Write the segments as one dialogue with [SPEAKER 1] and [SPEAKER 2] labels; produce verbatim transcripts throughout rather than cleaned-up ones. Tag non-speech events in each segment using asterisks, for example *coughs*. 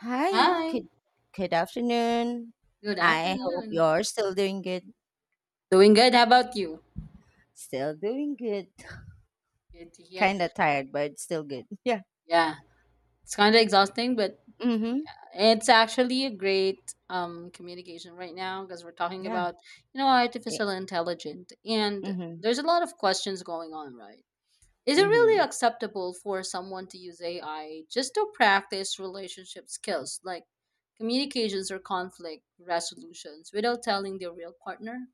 [SPEAKER 1] Hi,
[SPEAKER 2] Hi,
[SPEAKER 1] good good afternoon.
[SPEAKER 2] good
[SPEAKER 1] I hope
[SPEAKER 2] afternoon.
[SPEAKER 1] you're still doing good.
[SPEAKER 2] Doing good. How about you?
[SPEAKER 1] Still doing good.
[SPEAKER 2] Good to hear.
[SPEAKER 1] Kind of tired, but still good. *laughs* Yeah.
[SPEAKER 2] Yeah, it's kind of exhausting, but
[SPEAKER 1] Mm-hmm.
[SPEAKER 2] it's actually a great um, communication right now because we're talking
[SPEAKER 1] Yeah.
[SPEAKER 2] about, you know,
[SPEAKER 1] Eh.
[SPEAKER 2] artificial intelligence, and
[SPEAKER 1] Mm-hmm.
[SPEAKER 2] there's a lot of questions going on, right? Is it really
[SPEAKER 1] Mm-hmm.
[SPEAKER 2] acceptable for someone to use A I just to practice relationship skills like communications or conflict resolutions without telling their real partner?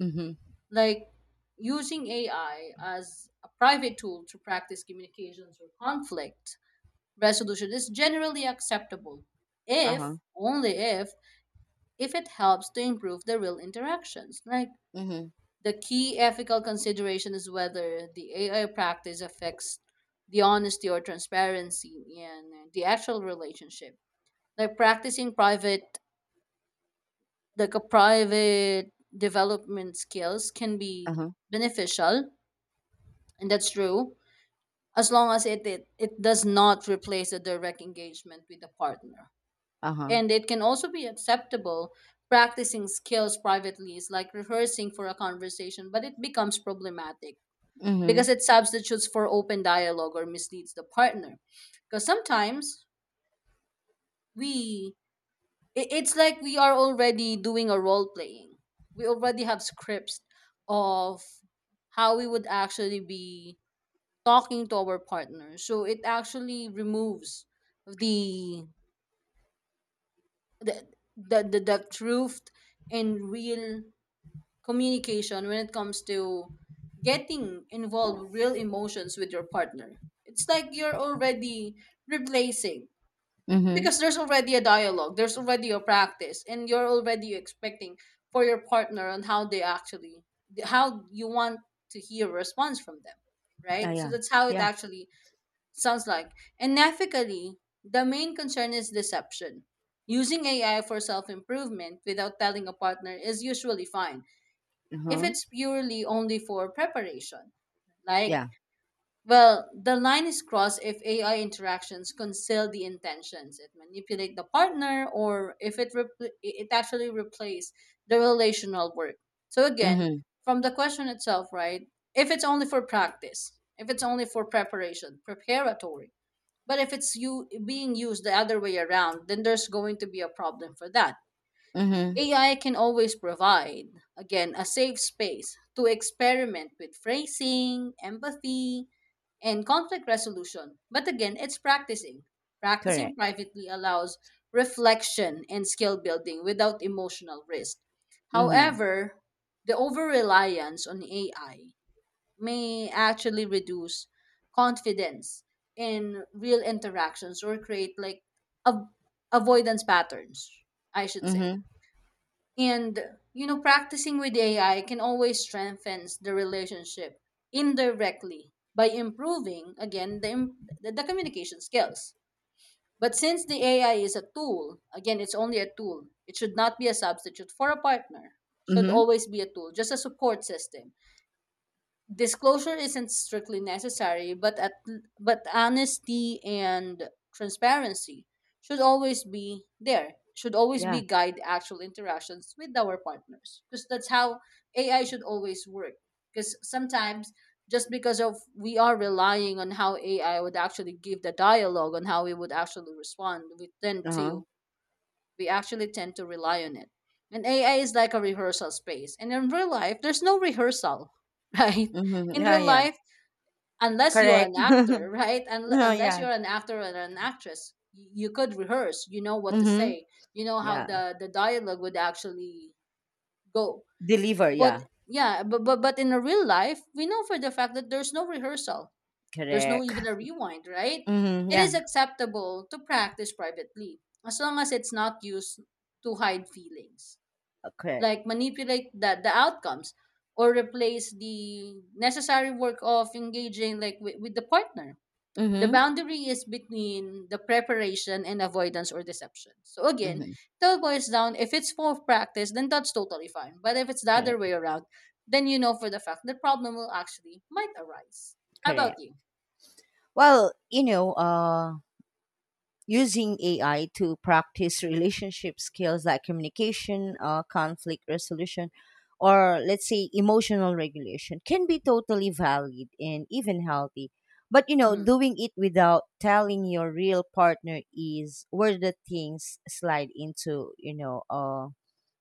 [SPEAKER 1] Mm-hmm.
[SPEAKER 2] Like using A I as a private tool to practice communications or conflict resolution is generally acceptable if
[SPEAKER 1] Uh-huh.
[SPEAKER 2] only if if it helps to improve the real interactions. Like
[SPEAKER 1] Mm-hmm.
[SPEAKER 2] the key ethical consideration is whether the A I practice affects the honesty or transparency in the actual relationship. Like practicing private, like a private development skills can be
[SPEAKER 1] Uh-huh.
[SPEAKER 2] beneficial, and that's true as long as it, it it does not replace a direct engagement with a partner.
[SPEAKER 1] Uh-huh.
[SPEAKER 2] And it can also be acceptable. Practicing skills privately is like rehearsing for a conversation, but it becomes problematic
[SPEAKER 1] Mm-hmm.
[SPEAKER 2] because it substitutes for open dialogue or misleads the partner. Because sometimes we, i- it's like we are already doing a role playing. We already have scripts of how we would actually be talking to our partner, so it actually removes the the the, the, the truth and real communication. When it comes to getting involved real emotions with your partner, it's like you're already replacing,
[SPEAKER 1] Mm-hmm.
[SPEAKER 2] because there's already a dialogue, there's already a practice, and you're already expecting for your partner on how they actually, how you want to hear a response from them,
[SPEAKER 1] Oh
[SPEAKER 2] right? So
[SPEAKER 1] yeah.
[SPEAKER 2] that's how it
[SPEAKER 1] Yeah.
[SPEAKER 2] actually sounds like. And ethically, the main concern is deception. Using A I for self improvement without telling a partner is usually fine if
[SPEAKER 1] Uh-huh.
[SPEAKER 2] it's purely only for preparation. Like,
[SPEAKER 1] Yeah.
[SPEAKER 2] well, the line is crossed if A I interactions conceal the intentions, it manipulate the partner, or if it repl- it actually replace the relational work. So again,
[SPEAKER 1] Mm-hmm.
[SPEAKER 2] from the question itself, right? If it's only for practice, if it's only for preparation, preparatory, but if it's you being used the other way around, then there's going to be a problem for that.
[SPEAKER 1] Mm-hmm.
[SPEAKER 2] A I can always provide, again, a safe space to experiment with phrasing, empathy, and conflict resolution. But again, it's practicing. Practicing
[SPEAKER 1] Correct.
[SPEAKER 2] privately allows reflection and skill building without emotional risk.
[SPEAKER 1] Mm-hmm.
[SPEAKER 2] However, the over reliance on A I may actually reduce confidence in real interactions, or create like a avoidance patterns, I should say.
[SPEAKER 1] Mm-hmm.
[SPEAKER 2] And you know, practicing with A I can always strengthen the relationship indirectly by improving again the, im- the the communication skills. But since the A I is a tool, again, it's only a tool. It should not be a substitute for a partner. Should
[SPEAKER 1] Mm-hmm.
[SPEAKER 2] always be a tool, just a support system. Disclosure isn't strictly necessary, but at, but honesty and transparency should always be there. Should always be
[SPEAKER 1] Yeah.
[SPEAKER 2] guide actual interactions with our partners, because that's how A I should always work. Because sometimes, just because of we are relying on how A I would actually give the dialogue on how we would actually respond, we tend
[SPEAKER 1] Uh-huh.
[SPEAKER 2] to, we actually tend to rely on it. And A I is like a rehearsal space. And in real life, there's no rehearsal, *laughs* right?
[SPEAKER 1] Mm-hmm.
[SPEAKER 2] In
[SPEAKER 1] Yeah,
[SPEAKER 2] real
[SPEAKER 1] yeah.
[SPEAKER 2] life, unless you're
[SPEAKER 1] Correct.
[SPEAKER 2] an
[SPEAKER 1] *laughs*
[SPEAKER 2] actor, right? Unle-
[SPEAKER 1] No,
[SPEAKER 2] unless
[SPEAKER 1] yeah.
[SPEAKER 2] you're an actor or an actress, y- you could rehearse. You know what to
[SPEAKER 1] Mm-hmm.
[SPEAKER 2] say. You know how
[SPEAKER 1] Yeah.
[SPEAKER 2] the, the dialogue would actually go.
[SPEAKER 1] Deliver,
[SPEAKER 2] But
[SPEAKER 1] yeah.
[SPEAKER 2] yeah, but, but but in a real life, we know for the fact that there's no rehearsal, there's no
[SPEAKER 1] Correct.
[SPEAKER 2] even a rewind, right?
[SPEAKER 1] Mm-hmm.
[SPEAKER 2] It
[SPEAKER 1] Yeah.
[SPEAKER 2] is acceptable to practice privately as long as it's not used to hide feelings,
[SPEAKER 1] uh, Correct.
[SPEAKER 2] like manipulate the, the outcomes or replace the necessary work of engaging like with, with the partner. The
[SPEAKER 1] Mm-hmm.
[SPEAKER 2] boundary is between the preparation and avoidance or deception. So again,
[SPEAKER 1] Mm-hmm.
[SPEAKER 2] it all boils down, if it's for practice, then that's totally fine. But if it's the other
[SPEAKER 1] Correct.
[SPEAKER 2] way around, then you know for the fact the problem will actually might arise. How about
[SPEAKER 1] Correct.
[SPEAKER 2] you?
[SPEAKER 1] Well, you know, uh, using A I to practice relationship skills like communication, uh, conflict resolution, or let's say emotional regulation can be totally valid and even healthy. But you know,
[SPEAKER 2] Mm-hmm.
[SPEAKER 1] doing it without telling your real partner is where the things slide into, you know, uh,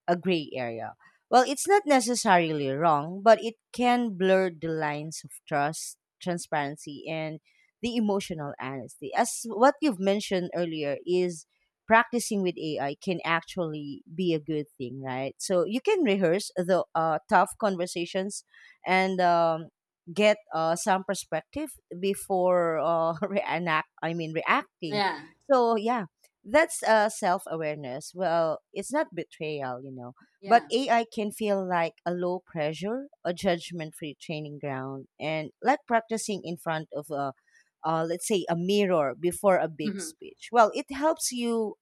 [SPEAKER 1] a gray area. Well, it's not necessarily wrong, but it can blur the lines of trust, transparency, and the emotional honesty. As what you've mentioned earlier is practicing with A I can actually be a good thing, right? So you can rehearse the uh, tough conversations, and um, get uh, some perspective before uh, *laughs* reenact. I mean, reacting.
[SPEAKER 2] Yeah,
[SPEAKER 1] So yeah, that's uh, self awareness. Well, it's not betrayal, you know, but
[SPEAKER 2] yeah.
[SPEAKER 1] A I can feel like a low pressure, a judgment free training ground, and like practicing in front of a, uh, let's say, a mirror before a big
[SPEAKER 2] Hmm.
[SPEAKER 1] speech. Well, it helps you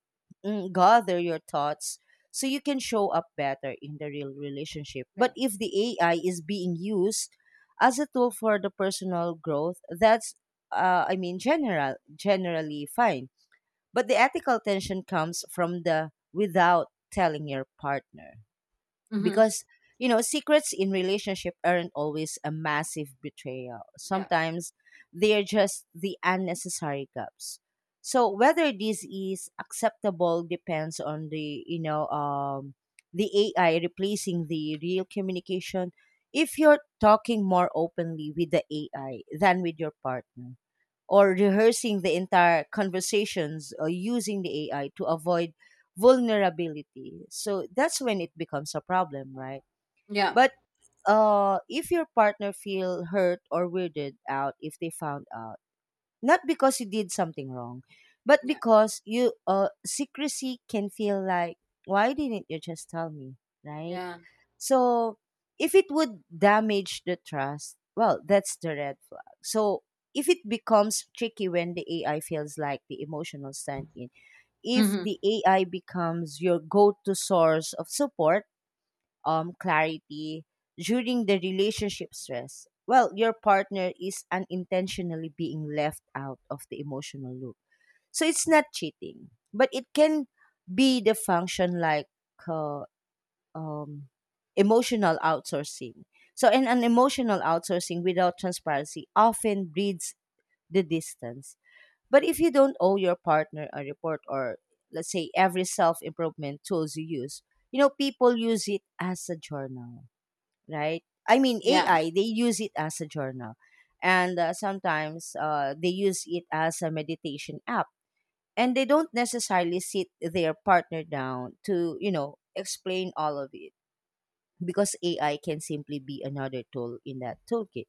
[SPEAKER 1] mm, gather your thoughts so you can show up better in the real relationship.
[SPEAKER 2] Yeah.
[SPEAKER 1] But if the A I is being used as a tool for the personal growth, that's uh, I mean general generally fine, but the ethical tension comes from the without telling your partner.
[SPEAKER 2] Hmm.
[SPEAKER 1] Because, you know, secrets in relationship aren't always a massive betrayal.
[SPEAKER 2] Yeah.
[SPEAKER 1] Sometimes they're just the unnecessary gaps. So whether this is acceptable depends on the, you know, um, the A I replacing the real communication if you're talking more openly with the A I than with your partner, or rehearsing the entire conversations, or using the A I to avoid vulnerability. So that's when it becomes a problem, right?
[SPEAKER 2] Yeah.
[SPEAKER 1] But uh, if your partner feel hurt or weirded out if they found out, not because you did something wrong, but
[SPEAKER 2] Yeah.
[SPEAKER 1] because you uh secrecy can feel like, why didn't you just tell me, right?
[SPEAKER 2] Yeah.
[SPEAKER 1] So if it would damage the trust, well, that's the red flag. So if it becomes tricky when the A I feels like the emotional stand in, if
[SPEAKER 2] Hmm.
[SPEAKER 1] the A I becomes your go to source of support, um, clarity during the relationship stress, well, your partner is unintentionally being left out of the emotional loop. So it's not cheating, but it can be the function like uh, um, emotional outsourcing. So, and an emotional outsourcing without transparency often breeds the distance. But if you don't owe your partner a report or, let's say, every self improvement tools you use, you know, people use it as a journal, right? I mean,
[SPEAKER 2] Yeah.
[SPEAKER 1] A I, they use it as a journal. And uh, sometimes uh, they use it as a meditation app. And they don't necessarily sit their partner down to, you know, explain all of it because A I can simply be another tool in that toolkit.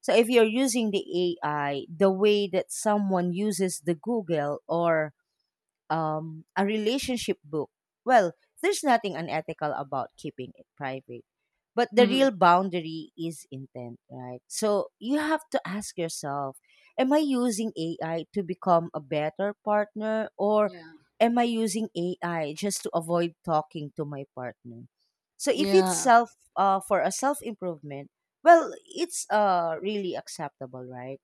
[SPEAKER 1] So if you're using the A I the way that someone uses the Google, or um, a relationship book. Well, there's nothing unethical about keeping it private. But the
[SPEAKER 2] Hmm.
[SPEAKER 1] real boundary is intent, right? So you have to ask yourself, am I using A I to become a better partner, or
[SPEAKER 2] Yeah.
[SPEAKER 1] am I using A I just to avoid talking to my partner? So if it's
[SPEAKER 2] Yeah.
[SPEAKER 1] self, uh, for a self improvement, well, it's uh, really acceptable, right?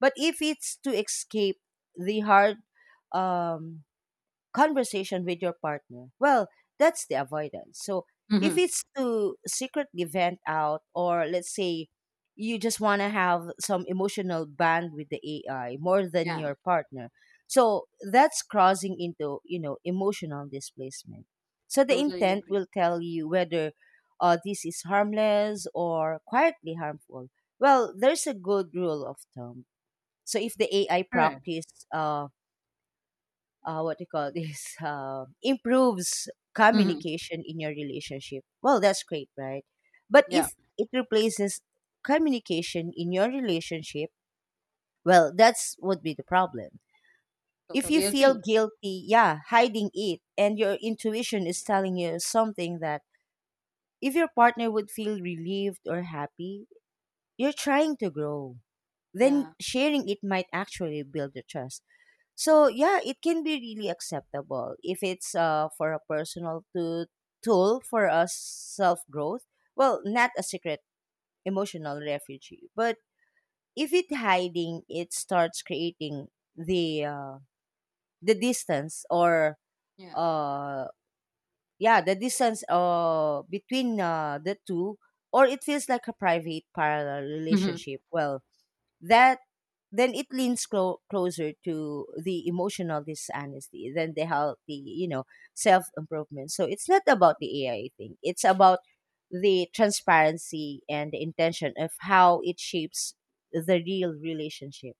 [SPEAKER 1] But if it's to escape the hard um, conversation with your partner, well, that's the avoidance. So
[SPEAKER 2] Hmm.
[SPEAKER 1] if it's to secretly vent out, or let's say you just want to have some emotional bond with the A I more than
[SPEAKER 2] Yeah.
[SPEAKER 1] your partner, so that's crossing into you know emotional displacement. So the
[SPEAKER 2] Totally
[SPEAKER 1] intent
[SPEAKER 2] agree.
[SPEAKER 1] will tell you whether uh, this is harmless or quietly harmful. Well, there's a good rule of thumb. So if the A I
[SPEAKER 2] Correct.
[SPEAKER 1] practice, uh, uh, what do you call this, *laughs* uh, improves
[SPEAKER 2] Hmm.
[SPEAKER 1] communication in your relationship, well, that's great, right? But
[SPEAKER 2] Yeah.
[SPEAKER 1] if it replaces communication in your relationship, well, that's would be the problem. If you
[SPEAKER 2] Totally
[SPEAKER 1] feel
[SPEAKER 2] agree.
[SPEAKER 1] guilty, yeah, hiding it, and your intuition is telling you something, that if your partner would feel relieved or happy you're trying to grow, then
[SPEAKER 2] Yeah.
[SPEAKER 1] sharing it might actually build the trust. So yeah, it can be really acceptable if it's uh, for a personal to, tool for us self growth. Well, not a secret emotional refuge, but if it hiding, it starts creating the uh, the distance, or
[SPEAKER 2] Yeah.
[SPEAKER 1] uh yeah, the distance uh between uh, the two, or it feels like a private parallel
[SPEAKER 2] Hmm.
[SPEAKER 1] relationship. Well, that then it leans clo- closer to the emotional dishonesty than the healthy, you know, self improvement. So it's not about the A I thing. It's about the transparency and the intention of how it shapes the real relationship.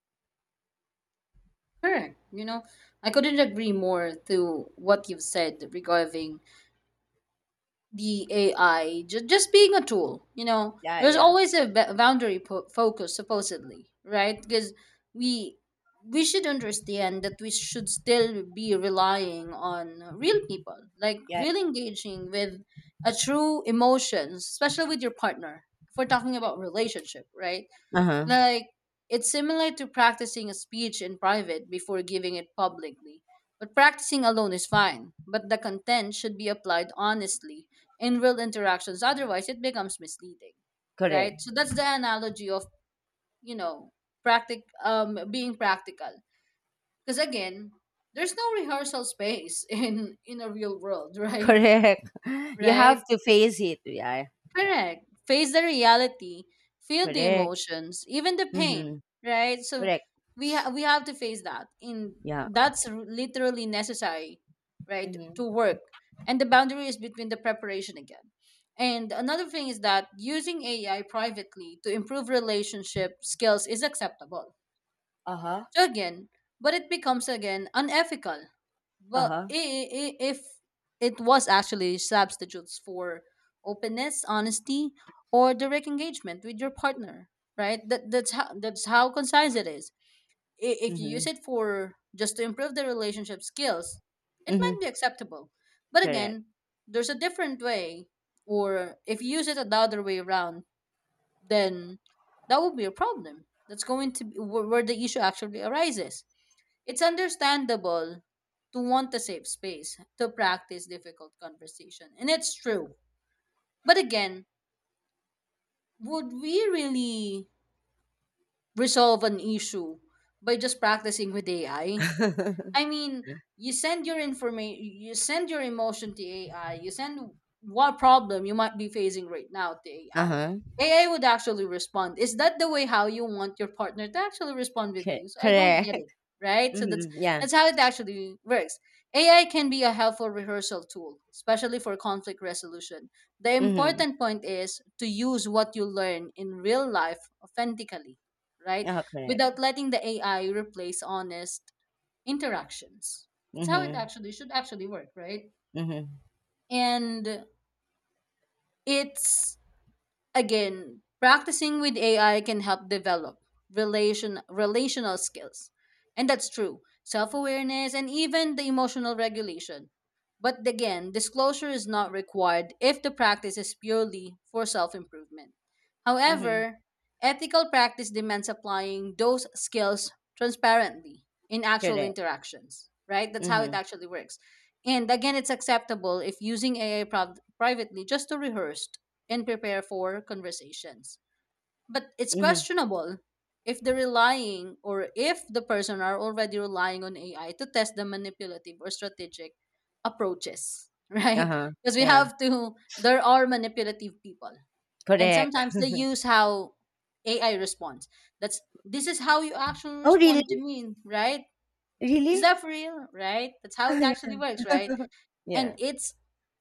[SPEAKER 2] Correct. You know, I couldn't agree more to what you've said regarding the A I just just being a tool. You know,
[SPEAKER 1] Yeah,
[SPEAKER 2] there's
[SPEAKER 1] yeah,
[SPEAKER 2] always a ba- boundary po- focus, supposedly, right? Because we we should understand that we should still be relying on real people, like
[SPEAKER 1] yeah.
[SPEAKER 2] real engaging with a true emotions, especially with your partner. If we're talking about relationship, right?
[SPEAKER 1] Uh huh.
[SPEAKER 2] Like, it's similar to practicing a speech in private before giving it publicly. But practicing alone is fine, but the content should be applied honestly in real interactions, otherwise, it becomes misleading, right?
[SPEAKER 1] Correct.
[SPEAKER 2] So, that's the analogy of, you know, practic- um, being practical. Because again, there's no rehearsal space *laughs* in, in a real world, *laughs*
[SPEAKER 1] *laughs*
[SPEAKER 2] right?
[SPEAKER 1] Correct. You have
[SPEAKER 2] Right?
[SPEAKER 1] to face it. Yeah. Yeah.
[SPEAKER 2] Correct. Face the reality, feel the
[SPEAKER 1] Correct.
[SPEAKER 2] emotions, even the pain,
[SPEAKER 1] Mm-hmm.
[SPEAKER 2] right? So
[SPEAKER 1] Correct.
[SPEAKER 2] we ha- we have to face that. In
[SPEAKER 1] Yeah.
[SPEAKER 2] that's r- literally necessary, right, to
[SPEAKER 1] Mm-hmm.
[SPEAKER 2] work. And the boundary is between the preparation again. And another thing is that using A I privately to improve relationship skills is acceptable.
[SPEAKER 1] Uh huh.
[SPEAKER 2] So again, but it becomes again unethical
[SPEAKER 1] Uh
[SPEAKER 2] but
[SPEAKER 1] huh.
[SPEAKER 2] i- i- if it was actually substitutes for openness, honesty, or direct engagement with your partner, right? That that's how that's how concise it is. I- If you use
[SPEAKER 1] Mm-hmm.
[SPEAKER 2] it for just to improve the relationship skills, it might
[SPEAKER 1] Mm-hmm.
[SPEAKER 2] be acceptable. But again, there's a different way, or if you use it the other way around, then that would be a problem. That's going to be where where the issue actually arises. It's understandable to want a safe space to practice difficult conversation, and it's true. But again, would we really resolve an issue by just practicing with A I?
[SPEAKER 1] Correct.
[SPEAKER 2] I mean,
[SPEAKER 1] *laughs*
[SPEAKER 2] you send your information, you send your emotion to A I, you send what problem you might be facing right now to A I.
[SPEAKER 1] Uh-huh.
[SPEAKER 2] A I would actually respond. Is that the way how you want your partner to actually respond with
[SPEAKER 1] Cor
[SPEAKER 2] you? So I don't get
[SPEAKER 1] correct.
[SPEAKER 2] it,
[SPEAKER 1] *laughs*
[SPEAKER 2] right? So that's
[SPEAKER 1] Mhm, yeah.
[SPEAKER 2] that's how it actually works. A I can be a helpful rehearsal tool, especially for conflict resolution. The
[SPEAKER 1] Mhm.
[SPEAKER 2] important point is to use what you learn in real life authentically, right?
[SPEAKER 1] Uh-huh, correct.
[SPEAKER 2] Without letting the A I replace honest interactions. That's how it
[SPEAKER 1] Mhm,
[SPEAKER 2] actually should actually work, right?
[SPEAKER 1] mhm,
[SPEAKER 2] And it's, again, practicing with A I can help develop relation relational skills. And that's true. Self-awareness and even the emotional regulation. But again, disclosure is not required if the practice is purely for self-improvement.
[SPEAKER 1] mhm.
[SPEAKER 2] However, ethical practice demands applying those skills transparently in actual
[SPEAKER 1] Correct.
[SPEAKER 2] interactions, right? That's how it
[SPEAKER 1] Mhm,
[SPEAKER 2] actually works. And again, it's acceptable if using A I prov- privately just to rehearse and prepare for conversations. But it's
[SPEAKER 1] mhm.
[SPEAKER 2] questionable if the relying or if the person are already relying on A I to test the manipulative or strategic approaches, *laughs* right?
[SPEAKER 1] Uh-huh.
[SPEAKER 2] Because we
[SPEAKER 1] Yeah,
[SPEAKER 2] have to, there are manipulative people. And
[SPEAKER 1] correct.
[SPEAKER 2] sometimes they use how A I responds. That's this is how you actually
[SPEAKER 1] Oh, really?
[SPEAKER 2] respond to me, right? Is
[SPEAKER 1] Really? *laughs*
[SPEAKER 2] that for real, right? That's how
[SPEAKER 1] Ah
[SPEAKER 2] it
[SPEAKER 1] yeah.
[SPEAKER 2] actually works, right? And
[SPEAKER 1] Yeah.
[SPEAKER 2] it's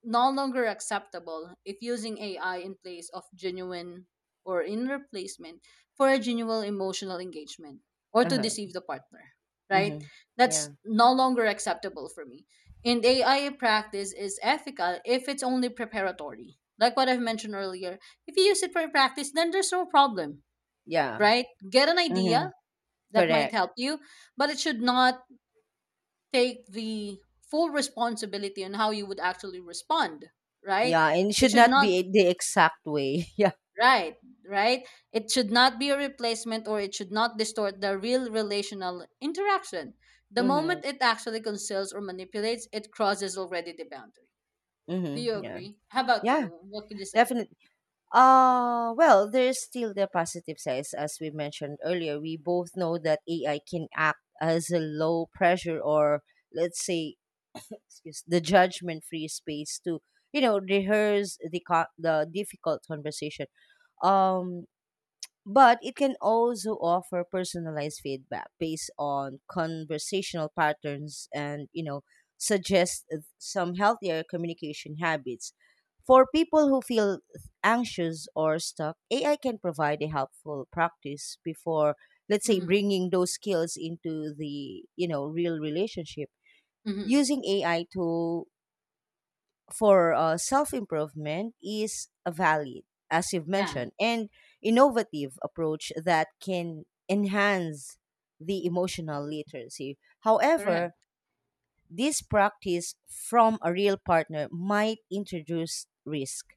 [SPEAKER 2] no longer acceptable if using A I in place of genuine or in replacement for a genuine emotional engagement or to
[SPEAKER 1] Uh-huh.
[SPEAKER 2] deceive the partner, right?
[SPEAKER 1] Mhm.
[SPEAKER 2] That's
[SPEAKER 1] Yeah.
[SPEAKER 2] no longer acceptable for me. And A I practice is ethical if it's only preparatory. Like what I've mentioned earlier, if you use it for practice, then there's no problem,
[SPEAKER 1] Yeah.
[SPEAKER 2] right? Get an idea
[SPEAKER 1] Mhm.
[SPEAKER 2] that might
[SPEAKER 1] Correct.
[SPEAKER 2] help you, but it should not take the full responsibility on how you would actually respond, right?
[SPEAKER 1] Yeah, and it
[SPEAKER 2] It
[SPEAKER 1] should
[SPEAKER 2] should
[SPEAKER 1] not
[SPEAKER 2] not,
[SPEAKER 1] be the exact way. *laughs* Yeah.
[SPEAKER 2] right, right, it should not be a replacement or it should not distort the real relational interaction. The moment
[SPEAKER 1] Mhm,
[SPEAKER 2] it actually conceals or manipulates, it crosses already the boundary. Do
[SPEAKER 1] mhm.
[SPEAKER 2] you
[SPEAKER 1] Yeah.
[SPEAKER 2] agree? How about
[SPEAKER 1] Yeah,
[SPEAKER 2] you? What could you say?
[SPEAKER 1] definitely. Uh, well, there's still the positive sides. As we mentioned earlier, we both know that A I can act as a low pressure or, let's say, *coughs* excuse the judgment free space to you know rehearse the co- the difficult conversation, um but it can also offer personalized feedback based on conversational patterns, and you know suggest some healthier communication habits for people who feel anxious or stuck. AI can provide a helpful practice before, let's say,
[SPEAKER 2] Mm-hmm.
[SPEAKER 1] bringing those skills into the you know real relationship.
[SPEAKER 2] Mm-hmm.
[SPEAKER 1] Using A I to for uh, self improvement is a valid, as you've
[SPEAKER 2] Yeah.
[SPEAKER 1] mentioned, and innovative approach that can enhance the emotional literacy. However,
[SPEAKER 2] Correct.
[SPEAKER 1] this practice from a real partner might introduce risk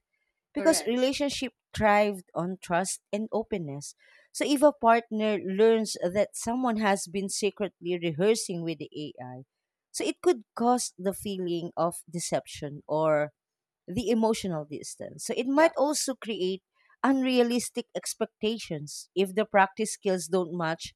[SPEAKER 1] because
[SPEAKER 2] Correct.
[SPEAKER 1] relationship thrived on trust and openness. So
[SPEAKER 2] Yeah.
[SPEAKER 1] if a partner learns that someone has been secretly rehearsing with the A I, so it could cause the feeling of deception or the emotional distance. So it
[SPEAKER 2] Yeah.
[SPEAKER 1] might also create unrealistic expectations if the practice skills don't match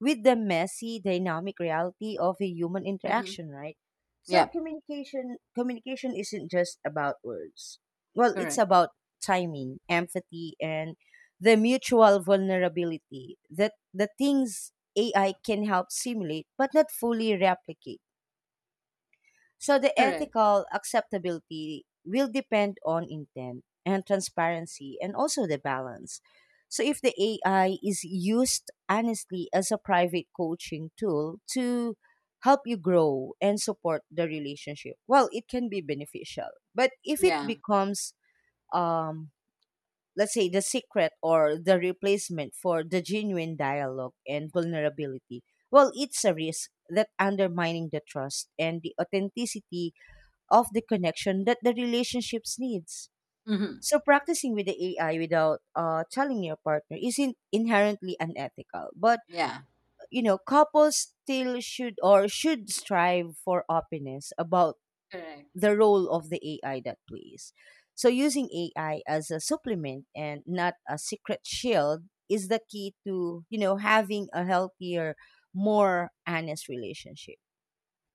[SPEAKER 1] with the messy dynamic reality of a human
[SPEAKER 2] Mm-hmm.
[SPEAKER 1] interaction, right? So
[SPEAKER 2] Yeah.
[SPEAKER 1] communication communication isn't just about words. Well, it's
[SPEAKER 2] Correct.
[SPEAKER 1] about timing, empathy, and the mutual vulnerability, that the things A I can help simulate but not fully replicate. So the
[SPEAKER 2] Correct.
[SPEAKER 1] ethical acceptability will depend on intent and transparency, and also the balance. So if the A I is used honestly as a private coaching tool to help you grow and support the relationship, well, it can be beneficial. But if it
[SPEAKER 2] Yeah.
[SPEAKER 1] becomes, um let's say, the secret or the replacement for the genuine dialogue and vulnerability, well, it's a risk that undermining the trust and the authenticity of the connection that the relationships needs.
[SPEAKER 2] Mm-hmm.
[SPEAKER 1] So practicing with the A I without uh, telling your partner isn't inherently unethical, but
[SPEAKER 2] Yeah.
[SPEAKER 1] you know couples still should or should strive for openness about
[SPEAKER 2] Correct.
[SPEAKER 1] the role of the A I that plays. So using A I as a supplement and not a secret shield is the key to you know having a healthier, more honest relationship.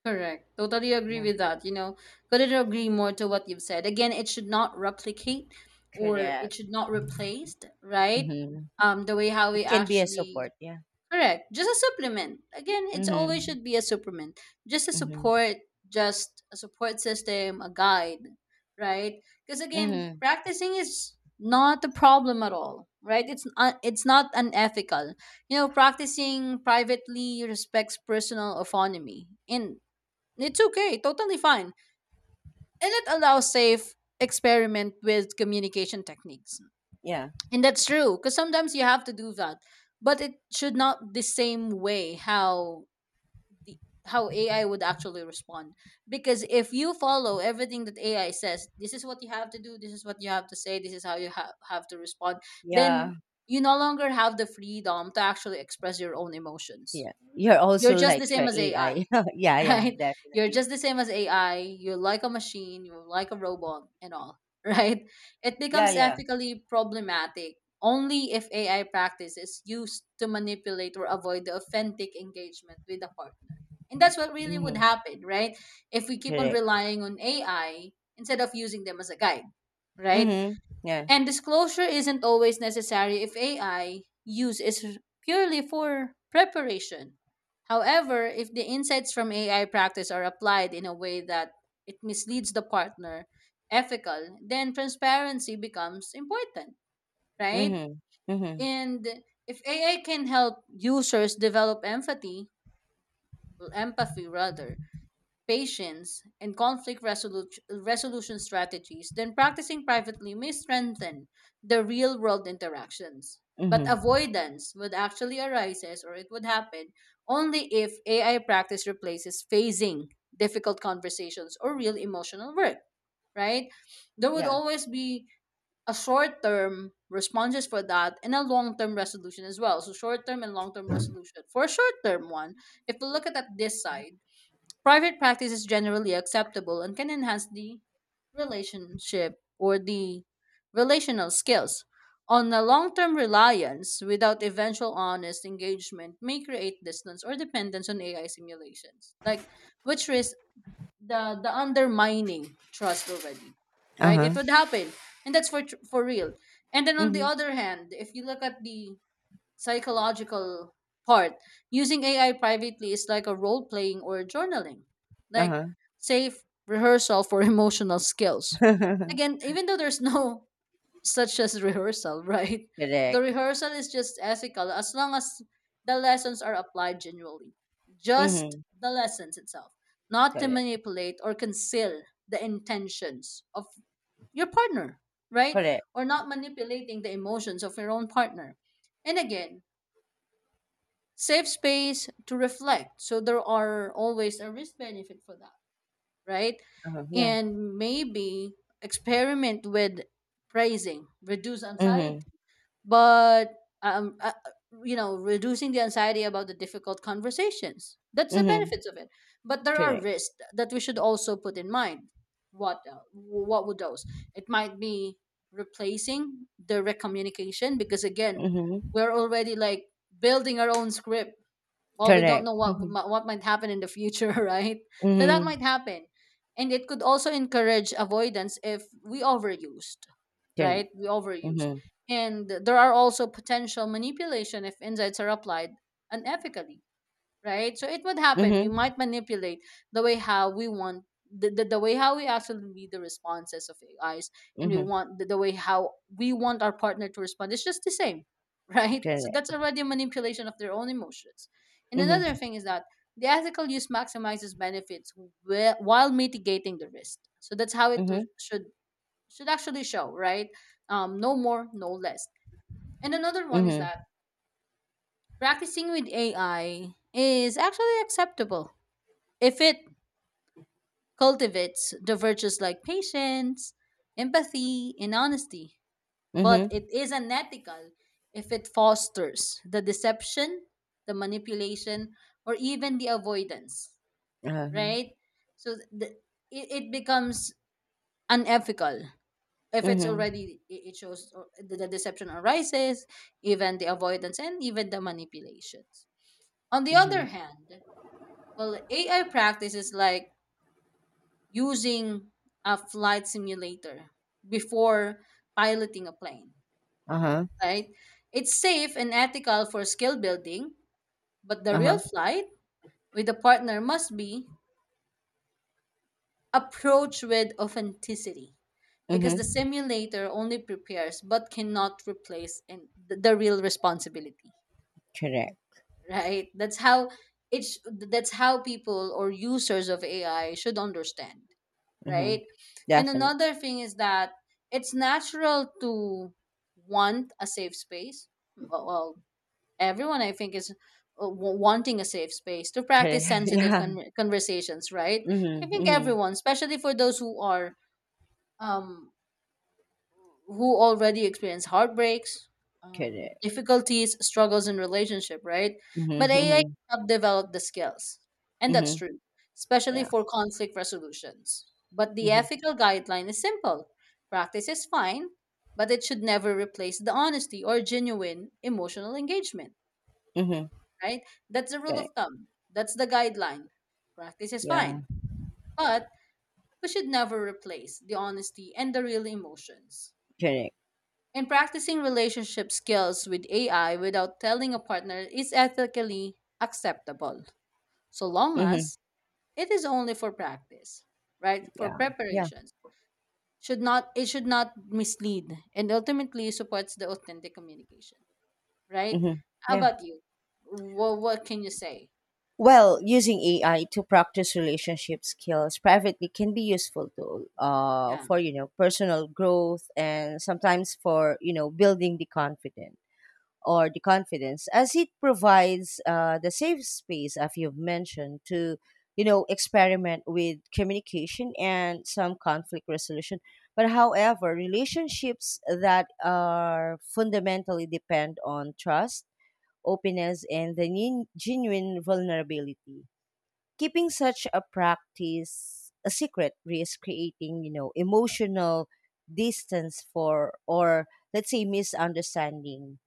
[SPEAKER 2] Correct. Totally agree
[SPEAKER 1] Yeah,
[SPEAKER 2] with that. You know, couldn't agree more to what you've said. Again, it should not replicate or it
[SPEAKER 1] correct.
[SPEAKER 2] should not replace, right?
[SPEAKER 1] hmm
[SPEAKER 2] Um, the way how
[SPEAKER 1] It
[SPEAKER 2] we
[SPEAKER 1] can be a
[SPEAKER 2] actually,
[SPEAKER 1] support. Yeah.
[SPEAKER 2] correct. Just a supplement. Again, it's always
[SPEAKER 1] Mm-hmm.
[SPEAKER 2] should be a supplement. Just a
[SPEAKER 1] Mhm.
[SPEAKER 2] support, just a support system, a guide, right? Because again,
[SPEAKER 1] Mhm.
[SPEAKER 2] practicing is not a problem at all, right? It's uh, it's not unethical. You know, practicing privately respects personal autonomy. And it's okay, totally fine. And it allows safe experiment with communication techniques.
[SPEAKER 1] Yeah.
[SPEAKER 2] And that's true, because sometimes you have to do that. But it should not the same way how the how A I would actually respond. Because if you follow everything that A I says, this is what you have to do, this is what you have to say, this is how you ha- have to respond, then
[SPEAKER 1] Yeah.
[SPEAKER 2] you no longer have the freedom to actually express your own emotions.
[SPEAKER 1] Yeah. You're
[SPEAKER 2] You're
[SPEAKER 1] also
[SPEAKER 2] just
[SPEAKER 1] like
[SPEAKER 2] the
[SPEAKER 1] uh,
[SPEAKER 2] same as
[SPEAKER 1] a
[SPEAKER 2] A I.
[SPEAKER 1] AI. *laughs*
[SPEAKER 2] *laughs*
[SPEAKER 1] Yeah. Yeah.
[SPEAKER 2] right? You're
[SPEAKER 1] Definitely.
[SPEAKER 2] just the same as A I. You're like a machine, you're like a robot, and all, *laughs* right? It
[SPEAKER 1] Yeah.
[SPEAKER 2] becomes
[SPEAKER 1] Yeah.
[SPEAKER 2] ethically problematic only if A I practice is used to manipulate or avoid the authentic engagement with the partner. And that's what really would
[SPEAKER 1] Mhm.
[SPEAKER 2] happen, right? If we keep on
[SPEAKER 1] Correct.
[SPEAKER 2] relying on A I instead of using them as a guide, right?
[SPEAKER 1] Mhm. Yeah.
[SPEAKER 2] And disclosure isn't always necessary if A I use is purely for preparation. However, if the insights from A I practice are applied in a way that it misleads the partner, ethical, then transparency becomes important, right?
[SPEAKER 1] Mhm. Mhm.
[SPEAKER 2] And if A I can help users develop empathy, well, empathy rather, patience, and conflict resolu- resolution strategies, then practicing privately may strengthen the real world interactions. But
[SPEAKER 1] Mhm.
[SPEAKER 2] avoidance would actually arises or it would happen only if A I practice replaces phasing difficult conversations or real emotional work, right? There would
[SPEAKER 1] Yeah.
[SPEAKER 2] always be a short term responses for that and a long term resolution as well. So short term and long term resolution. For a short term one, if we look at, at this side, private practice is generally acceptable and can enhance the relationship or the relational skills. On a long term reliance without eventual honest engagement may create distance or dependence on A I simulations. Like which is the the undermining trust already.
[SPEAKER 1] Uh
[SPEAKER 2] Right?
[SPEAKER 1] huh.
[SPEAKER 2] It would happen. And that's for tr- for real. And then on the
[SPEAKER 1] Mhm.
[SPEAKER 2] other hand, if you look at the psychological part, using AI privately is like a role playing or journaling,
[SPEAKER 1] Uh
[SPEAKER 2] like
[SPEAKER 1] huh.
[SPEAKER 2] safe rehearsal for *laughs* emotional skills, again,
[SPEAKER 1] *laughs*
[SPEAKER 2] even though there's *laughs* no such as rehearsal, *laughs* right? The
[SPEAKER 1] Correct.
[SPEAKER 2] rehearsal is just ethical as long as the lessons are applied genuinely, just
[SPEAKER 1] Mhm.
[SPEAKER 2] the lessons itself, not to
[SPEAKER 1] Correct.
[SPEAKER 2] manipulate or conceal the intentions of your partner, right?
[SPEAKER 1] Correct.
[SPEAKER 2] Or not manipulating the emotions of your own partner, and again, safe space to reflect. So there are always a risk benefit for that, right?
[SPEAKER 1] Uh huh. Yeah.
[SPEAKER 2] And maybe experiment with praising, reduce anxiety,
[SPEAKER 1] Mhm.
[SPEAKER 2] but um, uh, you know, reducing the anxiety about the difficult conversations. That's the
[SPEAKER 1] Mhm.
[SPEAKER 2] benefits of it. But there are
[SPEAKER 1] Correct.
[SPEAKER 2] risks that we should also put in mind. What uh, what would those? It might be replacing direct communication because again,
[SPEAKER 1] Mhm.
[SPEAKER 2] we're already like building our own script, well we don't
[SPEAKER 1] Correct.
[SPEAKER 2] know what
[SPEAKER 1] Mhm.
[SPEAKER 2] mi- what might happen in the future, *laughs* right? So that might
[SPEAKER 1] Mhm.
[SPEAKER 2] happen, and it could also encourage avoidance if we overused, right?
[SPEAKER 1] Correct.
[SPEAKER 2] We overused.
[SPEAKER 1] Mhm.
[SPEAKER 2] And there are also potential manipulation if insights are applied unethically, right? So it would happen. We
[SPEAKER 1] Mhm.
[SPEAKER 2] might manipulate the way how we want the, the, the way how we actually read the responses of A Is, and we
[SPEAKER 1] Mhm.
[SPEAKER 2] want the, the way how we want our partner to respond. It's just the same, *laughs* right? So
[SPEAKER 1] Correct.
[SPEAKER 2] that's already a manipulation of their own emotions. And another
[SPEAKER 1] Mhm.
[SPEAKER 2] thing is that the ethical use maximizes benefits whi- while mitigating the risk. So that's how it w-
[SPEAKER 1] Mhm.
[SPEAKER 2] should should actually show, right? Um, no more, no less. And another one is
[SPEAKER 1] Mhm.
[SPEAKER 2] that practicing with A I is actually acceptable if it cultivates the virtues like patience, empathy, and honesty. But
[SPEAKER 1] Mhm.
[SPEAKER 2] it is unethical if it fosters the deception, the manipulation, or even the avoidance,
[SPEAKER 1] Uh huh.
[SPEAKER 2] right? So th- the, it, it becomes unethical if it's
[SPEAKER 1] Mhm.
[SPEAKER 2] already it it shows or- the the deception arises, even the avoidance and even the manipulations. On the other
[SPEAKER 1] Mhm.
[SPEAKER 2] hand, well, AI practices like using a flight simulator before piloting a plane,
[SPEAKER 1] Uh huh.
[SPEAKER 2] right? It's safe and ethical for skill building, but the
[SPEAKER 1] Uh
[SPEAKER 2] real
[SPEAKER 1] huh.
[SPEAKER 2] flight with a partner must be approached with authenticity, because the
[SPEAKER 1] Mhm.
[SPEAKER 2] simulator only prepares but cannot replace in the, the real responsibility.
[SPEAKER 1] Correct.
[SPEAKER 2] Right? That's how it's that's how people or users of AI should understand,
[SPEAKER 1] Mhm.
[SPEAKER 2] right? And
[SPEAKER 1] Definitely.
[SPEAKER 2] another thing is that it's natural to want a safe space, well, well, everyone I think is uh, wa- wanting a safe space to
[SPEAKER 1] Correct.
[SPEAKER 2] practice
[SPEAKER 1] *laughs*
[SPEAKER 2] sensitive
[SPEAKER 1] Yeah.
[SPEAKER 2] con- conversations, right?
[SPEAKER 1] Mhm.
[SPEAKER 2] I think
[SPEAKER 1] Mhm.
[SPEAKER 2] everyone, especially for those who are um, who already experience heartbreaks, um,
[SPEAKER 1] Correct.
[SPEAKER 2] difficulties, struggles in relationship, right? But
[SPEAKER 1] Mhm.
[SPEAKER 2] A I
[SPEAKER 1] Mhm.
[SPEAKER 2] can help develop the skills, and that's
[SPEAKER 1] Mhm.
[SPEAKER 2] true, especially
[SPEAKER 1] Yeah.
[SPEAKER 2] for conflict resolutions. But the
[SPEAKER 1] Mhm.
[SPEAKER 2] ethical guideline is simple: practice is fine, but it should never replace the honesty or genuine emotional engagement,
[SPEAKER 1] Mhm.
[SPEAKER 2] right? That's the rule
[SPEAKER 1] Correct.
[SPEAKER 2] of thumb. That's the guideline. Practice is fine,
[SPEAKER 1] Yeah.
[SPEAKER 2] but we should never replace the honesty and the real emotions.
[SPEAKER 1] Correct.
[SPEAKER 2] And practicing relationship skills with A I without telling a partner is ethically acceptable, so long
[SPEAKER 1] Mhm.
[SPEAKER 2] as it is only for practice, right? For
[SPEAKER 1] Yeah. Yeah.
[SPEAKER 2] preparations. Should not, it should not mislead and ultimately supports the authentic communication, right?
[SPEAKER 1] Mhm.
[SPEAKER 2] How
[SPEAKER 1] Yeah.
[SPEAKER 2] about you? What what can you say?
[SPEAKER 1] Well, using A I to practice relationship skills privately can be useful to uh
[SPEAKER 2] Yeah.
[SPEAKER 1] for you know personal growth, and sometimes for you know building the confidence. Or the confidence, as it provides uh, the safe space, as you've mentioned, to you know experiment with communication and some conflict resolution. But however, relationships that are fundamentally depend on trust, openness, and the nin- genuine vulnerability. Keeping such a practice a secret risks creating you know emotional distance for or, let's say, misunderstanding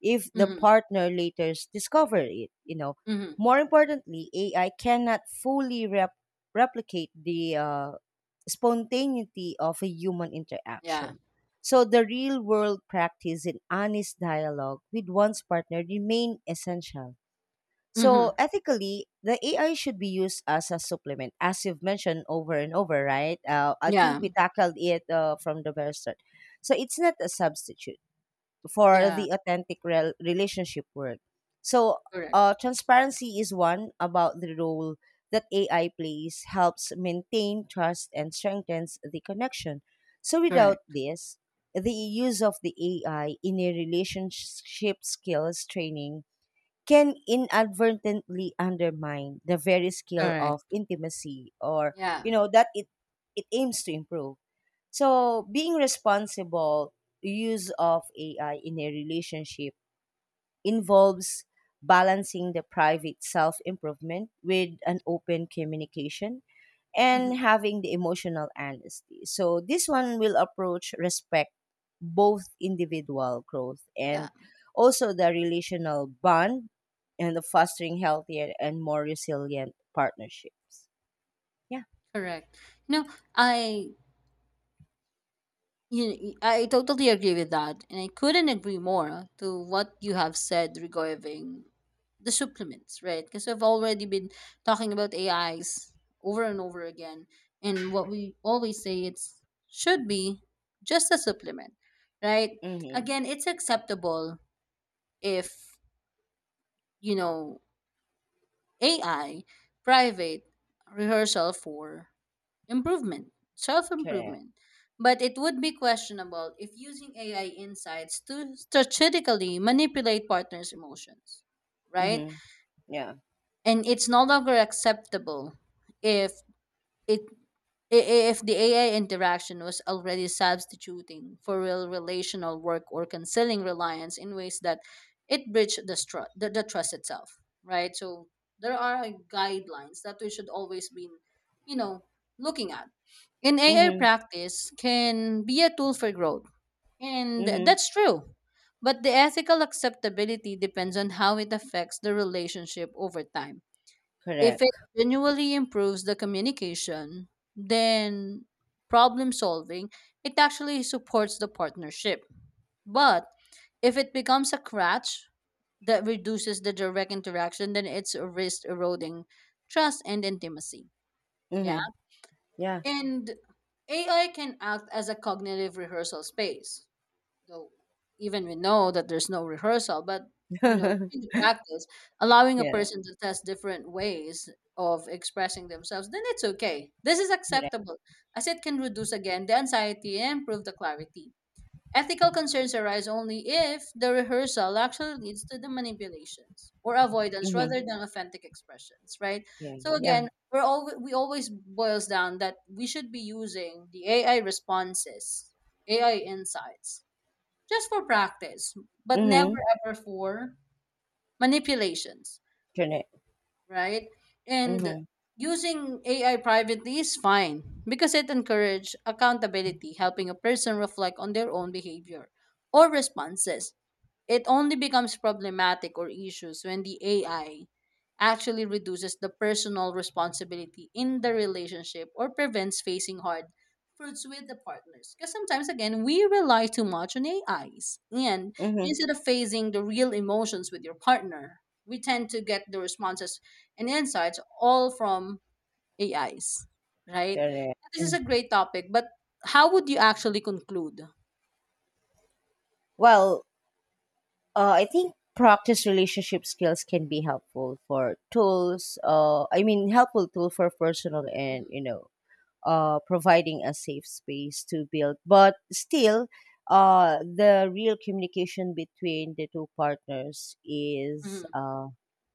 [SPEAKER 1] if the
[SPEAKER 2] Mhm.
[SPEAKER 1] partner later s- discover it you know
[SPEAKER 2] Mhm.
[SPEAKER 1] More importantly, AI cannot fully rep- replicate the uh, spontaneity of a human
[SPEAKER 2] Yeah.
[SPEAKER 1] interaction. So the real world practice in honest dialogue with one's partner remain essential. So
[SPEAKER 2] Mhm.
[SPEAKER 1] ethically, the A I should be used as a supplement, as you've mentioned over and over, right? Uh, I think
[SPEAKER 2] Yeah.
[SPEAKER 1] we tackled it uh, from the very start. So it's not a substitute for
[SPEAKER 2] Yeah.
[SPEAKER 1] the authentic rel- relationship work. So
[SPEAKER 2] Correct.
[SPEAKER 1] uh, transparency is one about the role that A I plays, helps maintain trust and strengthens the connection. So without
[SPEAKER 2] Correct.
[SPEAKER 1] this, the use of the A I in a relationship skills training can inadvertently undermine the very skill of
[SPEAKER 2] Correct.
[SPEAKER 1] intimacy, or
[SPEAKER 2] Yeah.
[SPEAKER 1] you know that it it aims to improve. So being responsible use of AI in a relationship involves balancing the private self improvement with an open communication and
[SPEAKER 2] Mhm.
[SPEAKER 1] having the emotional honesty. So this one will approach respect both individual growth
[SPEAKER 2] Yeah.
[SPEAKER 1] and also the relational bond and the fostering healthier and more resilient partnerships. Yeah.
[SPEAKER 2] Correct. You know, I You, I totally agree with that, and I couldn't agree more to what you have said regarding the supplements, right? Because I've already been talking about A Is over and over again, and what we always say it's should be just a supplement, right?
[SPEAKER 1] Mm-hmm.
[SPEAKER 2] Again, it's acceptable if you know A I private rehearsal for improvement, self
[SPEAKER 1] Correct.
[SPEAKER 2] improvement. But it would be questionable if using A I insights to strategically manipulate partners' emotions, right?
[SPEAKER 1] Mm-hmm. Yeah.
[SPEAKER 2] And it's no longer acceptable if it I- if the A I interaction was already substituting for real relational work or concealing reliance in ways that it breached the, stru- the, the trust itself, right? So there are guidelines that we should always be, you know, looking at. In A I
[SPEAKER 1] Mm-hmm.
[SPEAKER 2] practice can be a tool for growth, and
[SPEAKER 1] Mm-hmm.
[SPEAKER 2] that's true. But the ethical acceptability depends on how it affects the relationship over time, if it
[SPEAKER 1] Correct.
[SPEAKER 2] genuinely improves the communication, then problem solving, it actually supports the partnership. But if it becomes a crutch that reduces the direct interaction, then it's a risk eroding trust and intimacy. Yeah.
[SPEAKER 1] Mm-hmm. Yeah.
[SPEAKER 2] And A I can act as a cognitive rehearsal space, though even we know that there's no rehearsal, but
[SPEAKER 1] *laughs*
[SPEAKER 2] you know,
[SPEAKER 1] Yeah.
[SPEAKER 2] in the practice, allowing a person to test different ways of expressing themselves, then it's okay, this is
[SPEAKER 1] Correct.
[SPEAKER 2] acceptable, as it can reduce again the anxiety and improve the clarity. Ethical concerns arise only if the rehearsal actually leads to the manipulations or avoidance
[SPEAKER 1] Mm-hmm.
[SPEAKER 2] rather than authentic expressions, right?
[SPEAKER 1] Yeah.
[SPEAKER 2] So
[SPEAKER 1] Yeah.
[SPEAKER 2] again, we're all we always boils down that we should be using the AI responses, AI insights, just for practice, but never
[SPEAKER 1] Mm-hmm.
[SPEAKER 2] ever for manipulations,
[SPEAKER 1] Correct.
[SPEAKER 2] right? And
[SPEAKER 1] Mm-hmm.
[SPEAKER 2] using A I privately is fine because it encourages accountability, helping a person reflect on their own behavior or responses. It only becomes problematic or issues when the A I actually reduces the personal responsibility in the relationship or prevents facing hard fruits with the partners. Because sometimes, again, we rely too much on A Is. And
[SPEAKER 1] Mm-hmm.
[SPEAKER 2] instead of facing the real emotions with your partner, we tend to get the responses and insights all from A Is, right?
[SPEAKER 1] Correct.
[SPEAKER 2] This is
[SPEAKER 1] Mm.
[SPEAKER 2] a great topic, but how would you actually conclude?
[SPEAKER 1] Well, Uh, I think practice relationship skills can be helpful for tools. Uh, I mean, helpful tool for personal and,
[SPEAKER 2] Hmm.
[SPEAKER 1] you know, uh, providing a safe space to build. But still, uh, the real communication between the two partners is
[SPEAKER 2] Hmm.
[SPEAKER 1] uh,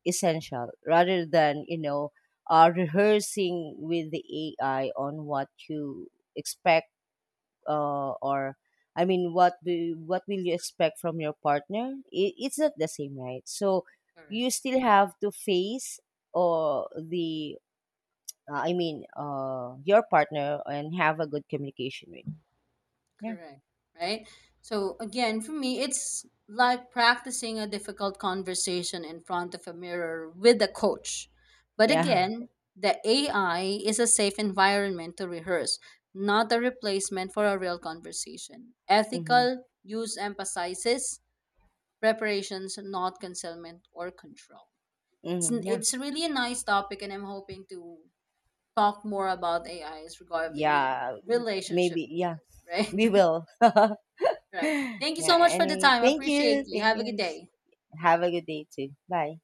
[SPEAKER 1] essential, rather than, you know, uh, rehearsing with the A I on what you expect, uh, or I mean, what do what will you expect from your partner? It, it's not the same, right? So you still have to face, or the uh, I mean, uh, your partner, and have a good communication with. Him. Yeah,
[SPEAKER 2] Correct. Right? So again, for me, it's like practicing a difficult conversation in front of a mirror with a coach. But
[SPEAKER 1] yeah,
[SPEAKER 2] again, the A I is a safe environment to rehearse, not a replacement for a real conversation.
[SPEAKER 1] *laughs* mm-hmm.
[SPEAKER 2] Ethical use emphasizes preparations, not concealment or control. It's
[SPEAKER 1] Mm-hmm. Yeah,
[SPEAKER 2] it's really a nice topic, and I'm hoping to talk more about A Is regarding you know
[SPEAKER 1] yeah.
[SPEAKER 2] relationship
[SPEAKER 1] Maybe, yeah.
[SPEAKER 2] uses, *laughs*
[SPEAKER 1] We
[SPEAKER 2] right?
[SPEAKER 1] will. *laughs* Yeah.
[SPEAKER 2] Right. Thank you so much for the
[SPEAKER 1] Anyway,
[SPEAKER 2] time. I
[SPEAKER 1] thank
[SPEAKER 2] appreciate
[SPEAKER 1] you.
[SPEAKER 2] you.
[SPEAKER 1] Thank
[SPEAKER 2] Have a good
[SPEAKER 1] you.
[SPEAKER 2] day. Bye
[SPEAKER 1] Have
[SPEAKER 2] bye.
[SPEAKER 1] a good day too. Bye.